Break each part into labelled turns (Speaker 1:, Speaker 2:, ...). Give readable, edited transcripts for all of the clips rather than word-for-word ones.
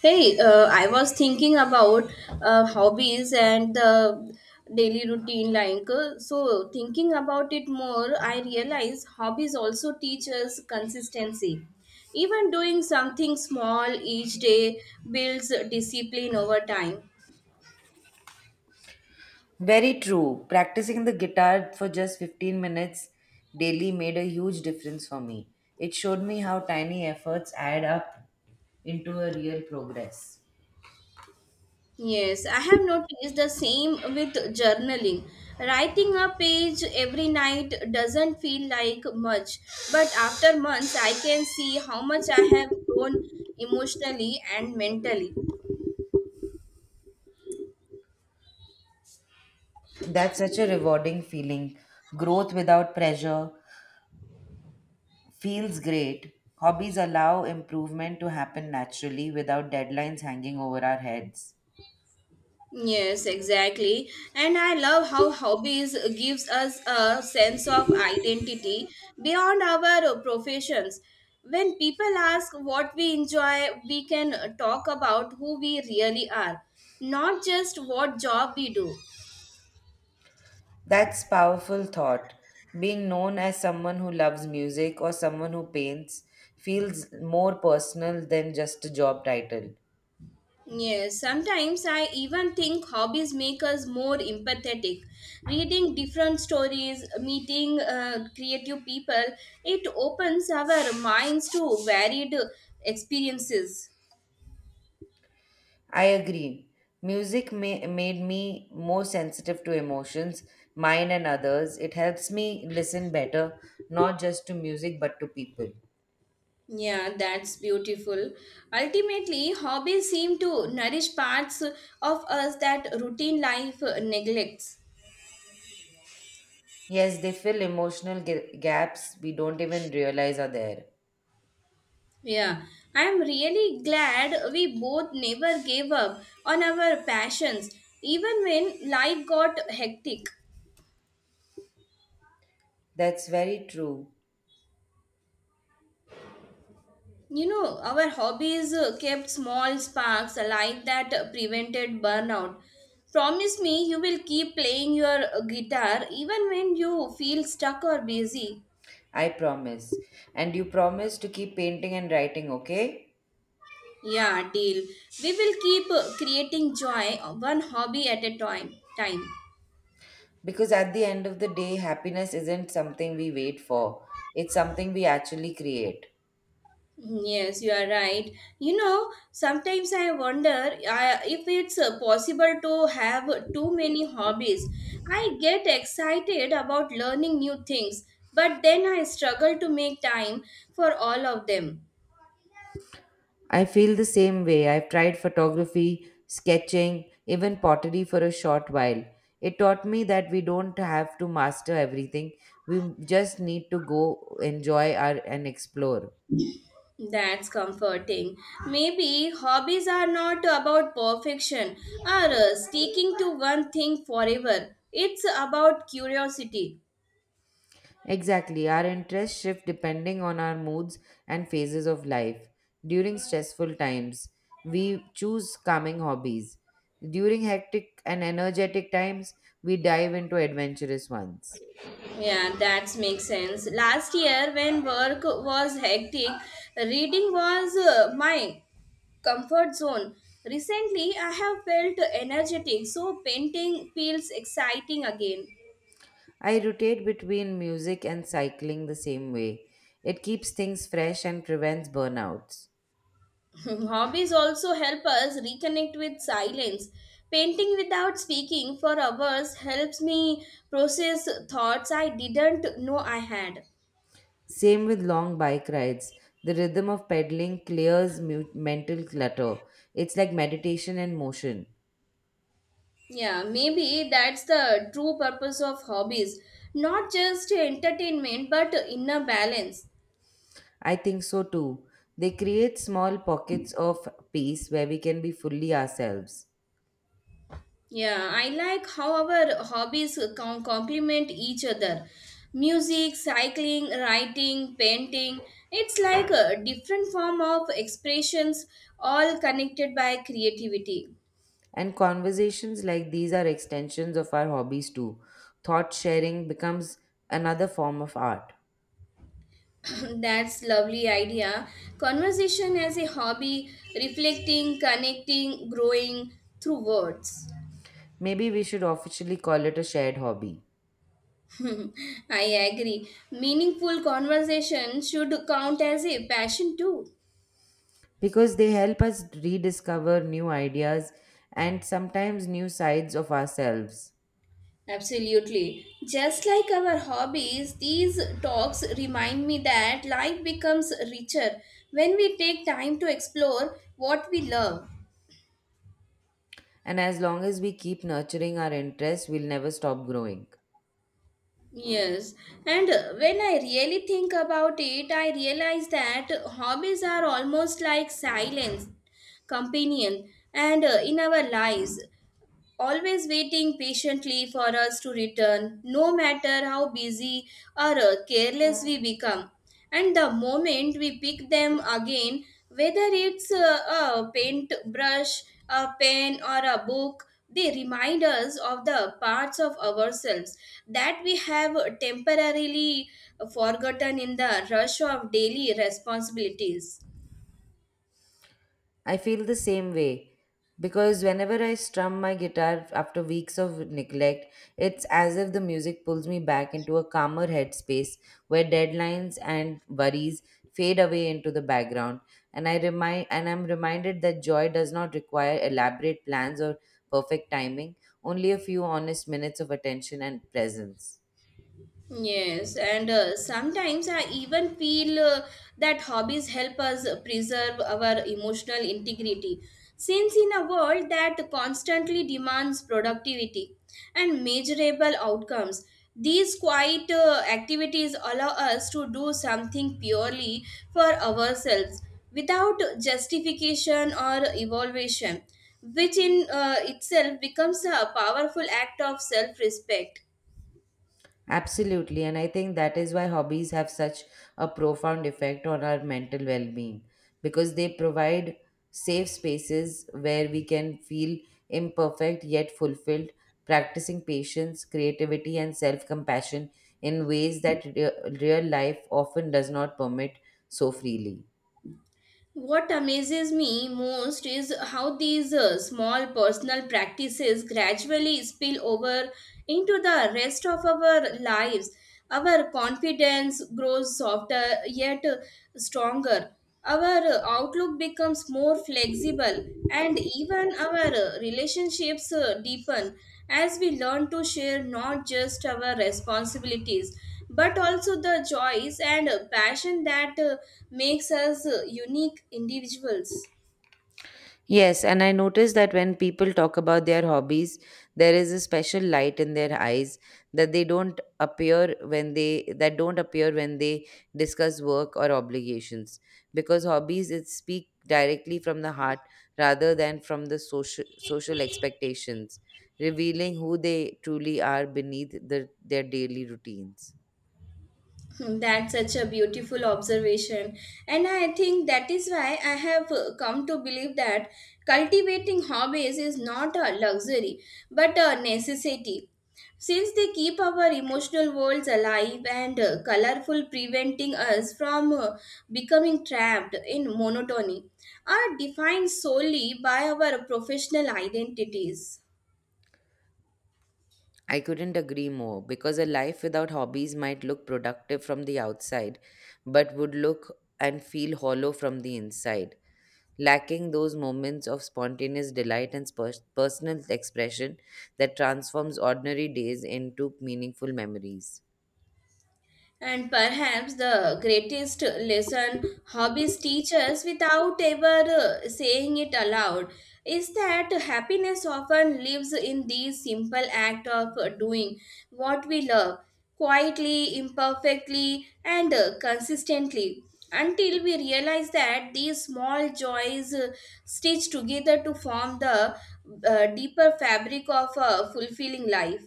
Speaker 1: Hey, I was thinking about hobbies and the daily routine. So thinking about it more, I realize hobbies also teach us consistency. Even doing something small each day builds discipline over time.
Speaker 2: Very true. Practicing the guitar for just 15 minutes daily made a huge difference for me. It showed me how tiny efforts add up into a real progress.
Speaker 1: Yes, I have noticed the same with journaling. Writing a page every night doesn't feel like much, but after months, I can see how much I have grown emotionally and mentally.
Speaker 2: That's such a rewarding feeling. Growth without pressure feels great. Hobbies allow improvement to happen naturally without deadlines hanging over our heads.
Speaker 1: Yes, exactly. And I love how hobbies gives us a sense of identity beyond our professions. When people ask what we enjoy, we can talk about who we really are, not just what job we do.
Speaker 2: That's powerful thought. Being known as someone who loves music or someone who paints feels more personal than just a job title.
Speaker 1: Yes, sometimes I even think hobbies make us more empathetic. Reading different stories, meeting creative people, it opens our minds to varied experiences.
Speaker 2: I agree. Music made me more sensitive to emotions, mine and others. It helps me listen better, not just to music but to people.
Speaker 1: Yeah, that's beautiful. Ultimately, hobbies seem to nourish parts of us that routine life neglects.
Speaker 2: Yes, they fill emotional gaps we don't even realize are there.
Speaker 1: Yeah, I'm really glad we both never gave up on our passions, even when life got hectic.
Speaker 2: That's very true.
Speaker 1: You know, our hobbies kept small sparks alive that prevented burnout. Promise me you will keep playing your guitar even when you feel stuck or busy.
Speaker 2: I promise. And you promise to keep painting and writing, okay?
Speaker 1: Yeah, deal. We will keep creating joy one hobby at a time. Time.
Speaker 2: Because at the end of the day, happiness isn't something we wait for, it's something we actually create.
Speaker 1: Mm, yes, you are right. You know, sometimes I wonder if it's possible to have too many hobbies. I get excited about learning new things, but then I struggle to make time for all of them.
Speaker 2: I feel the same way. I've tried photography, sketching, even pottery for a short while. It taught me that we don't have to master everything, we just need to go enjoy our, and explore.
Speaker 1: That's comforting. Maybe hobbies are not about perfection or sticking to one thing forever. It's about curiosity.
Speaker 2: Exactly, our interests shift depending on our moods and phases of life. During stressful times, we choose calming hobbies. During hectic and energetic times, we dive into adventurous ones.
Speaker 1: Yeah, that makes sense. Last year, when work was hectic, reading was my comfort zone. Recently, I have felt energetic, so painting feels exciting again.
Speaker 2: I rotate between music and cycling the same way. It keeps things fresh and prevents burnouts.
Speaker 1: Hobbies also help us reconnect with silence. Painting without speaking for hours helps me process thoughts I didn't know I had.
Speaker 2: Same with long bike rides. The rhythm of pedaling clears mental clutter. It's like meditation in motion.
Speaker 1: Yeah, maybe that's the true purpose of hobbies. Not just entertainment, but inner balance.
Speaker 2: I think so too. They create small pockets of peace where we can be fully ourselves.
Speaker 1: Yeah, I like how our complement each other. Music, cycling, writing, painting. It's like a different form of expressions, all connected by creativity.
Speaker 2: And conversations like these are extensions of our hobbies too. Thought sharing becomes another form of art.
Speaker 1: That's lovely idea. Conversation as a hobby, reflecting, connecting, growing through words.
Speaker 2: Maybe we should officially call it a shared hobby
Speaker 1: I agree. Meaningful conversation should count as a passion too.
Speaker 2: because they help us rediscover new ideas and sometimes new sides of ourselves.
Speaker 1: Absolutely. Just like our hobbies, these talks remind me that life becomes richer when we take time to explore what we love.
Speaker 2: And as long as we keep nurturing our interests, we'll never stop growing.
Speaker 1: Yes, and when I really think about it, I realize that hobbies are almost like silence companion and in our lives always waiting patiently for us to return, no matter how busy or careless we become. And the moment we pick them again, whether it's a paintbrush, a pen, or a book, they remind us of the parts of ourselves that we have temporarily forgotten in the rush of daily responsibilities.
Speaker 2: I feel the same way because whenever I strum my guitar after weeks of neglect, it's as if the music pulls me back into a calmer headspace where deadlines and worries fade away into the background and I'm reminded that joy does not require elaborate plans or perfect timing, only a few honest minutes of attention and presence.
Speaker 1: Yes, and sometimes I even feel that hobbies help us preserve our emotional integrity. Since in a world that constantly demands productivity and measurable outcomes, these quiet activities allow us to do something purely for ourselves without justification or evaluation, which in itself becomes a powerful act of self respect.
Speaker 2: Absolutely, and I think that is why hobbies have such a profound effect on our mental well being because they provide safe spaces where we can feel imperfect yet fulfilled, practicing patience, creativity, and self compassion in ways that real life often does not permit so freely.
Speaker 1: What amazes me most is how these small personal practices gradually spill over into the rest of our lives. Our confidence grows softer yet stronger. Our outlook becomes more flexible and even our relationships deepen as we learn to share not just our responsibilities but also the joys and passion that makes us unique individuals.
Speaker 2: Yes, and I notice that when people talk about their hobbies, there is a special light in their eyes that they don't appear when they that don't appear when they discuss work or obligations. Because hobbies it speak directly from the heart rather than from the social expectations, revealing who they truly are beneath their daily routines.
Speaker 1: Hmm, that's such a beautiful observation. And I think that is why I have come to believe that cultivating hobbies is not a luxury but a necessity. Since they keep our emotional worlds alive and colorful, preventing us from becoming trapped in monotony, are defined solely by our professional identities.
Speaker 2: I couldn't agree more because a life without hobbies might look productive from the outside, but would look and feel hollow from the inside, lacking those moments of spontaneous delight and personal expression that transforms ordinary days into meaningful memories.
Speaker 1: And perhaps the greatest lesson hobbies teach us without ever saying it aloud is that happiness often lives in the simple act of doing what we love quietly, imperfectly, and consistently until we realize that these small joys stitch together to form the deeper fabric of a fulfilling life.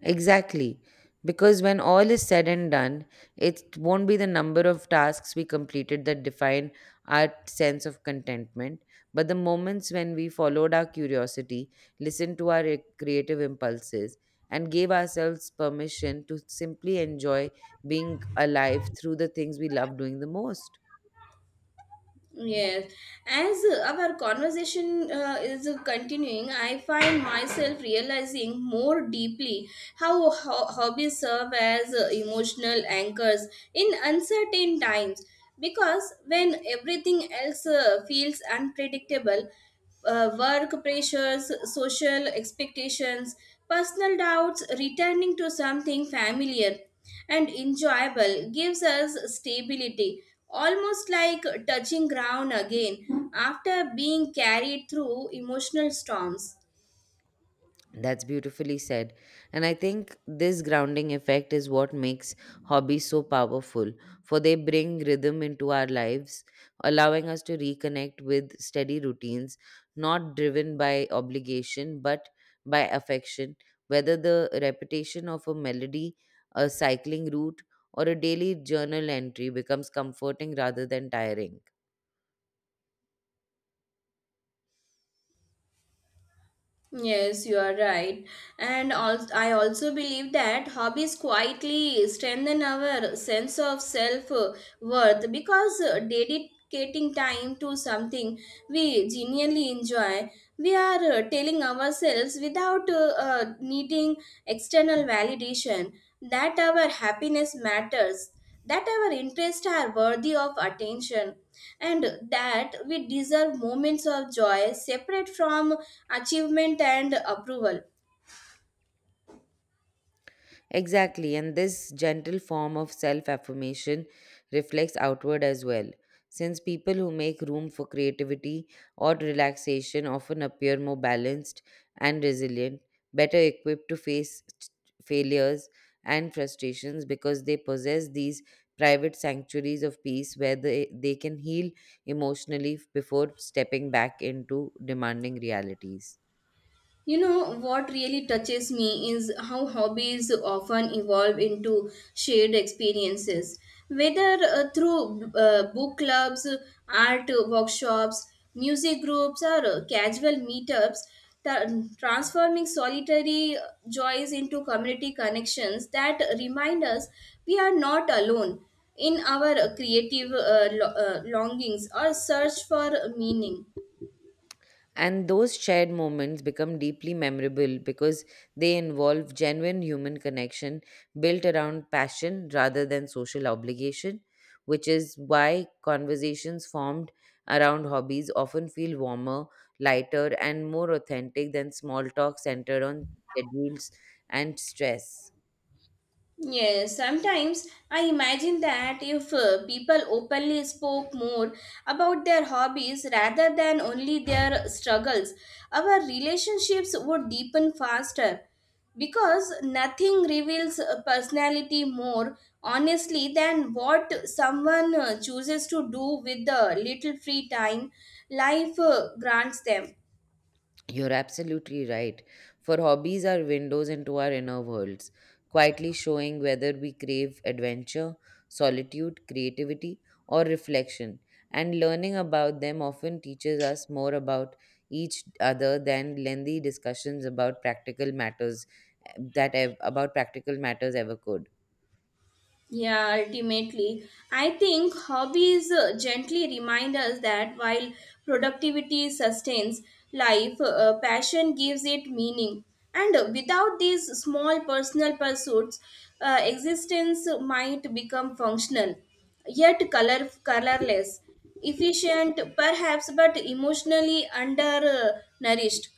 Speaker 2: Exactly. Because when all is said and done, it won't be the number of tasks we completed that define our sense of contentment, but the moments when we followed our curiosity, listened to our creative impulses, and gave ourselves permission to simply enjoy being alive through the things we love doing the most.
Speaker 1: Yes, as our conversation is continuing, I find myself realizing more deeply how hobbies serve as emotional anchors in uncertain times because when everything else feels unpredictable, work pressures, social expectations, personal doubts, returning to something familiar and enjoyable gives us stability, almost like touching ground again after being carried through emotional storms.
Speaker 2: That's beautifully said. And I think this grounding effect is what makes hobbies so powerful, for they bring rhythm into our lives, allowing us to reconnect with steady routines, not driven by obligation but by affection. Whether the repetition of a melody, a cycling route, or a daily journal entry becomes comforting rather than tiring.
Speaker 1: Yes, you are right. And also, I also believe that hobbies quietly strengthen our sense of self worth because dedicating time to something we genuinely enjoy, we are telling ourselves without needing external validation that our happiness matters, that our interests are worthy of attention, and that we deserve moments of joy separate from achievement and approval.
Speaker 2: Exactly, and this gentle form of self affirmation reflects outward as well, since people who make room for creativity or relaxation often appear more balanced and resilient, better equipped to face failures and frustrations because they possess these private sanctuaries of peace where they can heal emotionally before stepping back into demanding realities.
Speaker 1: You know, what really touches me is how hobbies often evolve into shared experiences. Whether through book clubs, art workshops, music groups, or casual meetups, tra- transforming solitary joys into community connections that remind us we are not alone in our creative longings or search for meaning.
Speaker 2: And those shared moments become deeply memorable because they involve genuine human connection built around passion rather than social obligation, which is why conversations formed around hobbies often feel warmer, lighter, and more authentic than small talk centered on schedules and stress.
Speaker 1: Yes, sometimes I imagine that if people openly spoke more about their hobbies rather than only their struggles, our relationships would deepen faster because nothing reveals a personality more honestly than what someone chooses to do with the little free time life grants them.
Speaker 2: You're absolutely right. For hobbies are windows into our inner worlds, quietly showing whether we crave adventure, solitude, creativity, or reflection. And learning about them often teaches us more about each other than lengthy discussions about practical matters about practical matters ever could.
Speaker 1: Yeah, ultimately, I think hobbies gently remind us that while productivity sustains life, passion gives it meaning. And without these small personal pursuits, existence might become functional, yet colorless, efficient perhaps, but emotionally undernourished.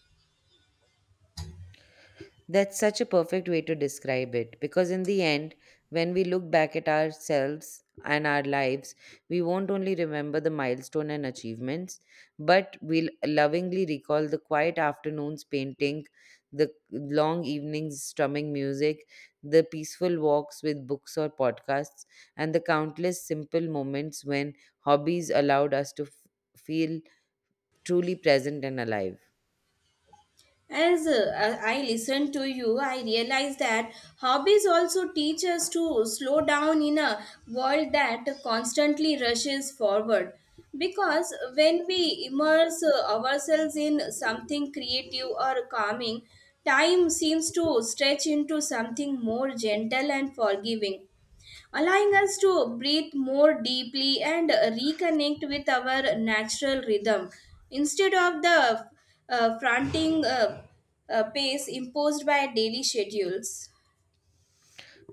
Speaker 2: That's such a perfect way to describe it because, in the end, when we look back at ourselves and our lives, we won't only remember the milestone and achievements, but we'll lovingly recall the quiet afternoons painting, the long evenings strumming music, the peaceful walks with books or podcasts, and the countless simple moments when hobbies allowed us to feel truly present and alive.
Speaker 1: As I listen to you, I realize that hobbies also teach us to slow down in a world that constantly rushes forward. Because when we immerse ourselves in something creative or calming, time seems to stretch into something more gentle and forgiving, allowing us to breathe more deeply and reconnect with our natural rhythm instead of the fronting pace imposed by daily schedules.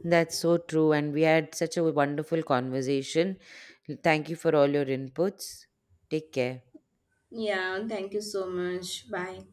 Speaker 2: That's so true. And we had such a wonderful conversation. Thank you for all your inputs. Take care.
Speaker 1: Yeah, thank you so much. Bye.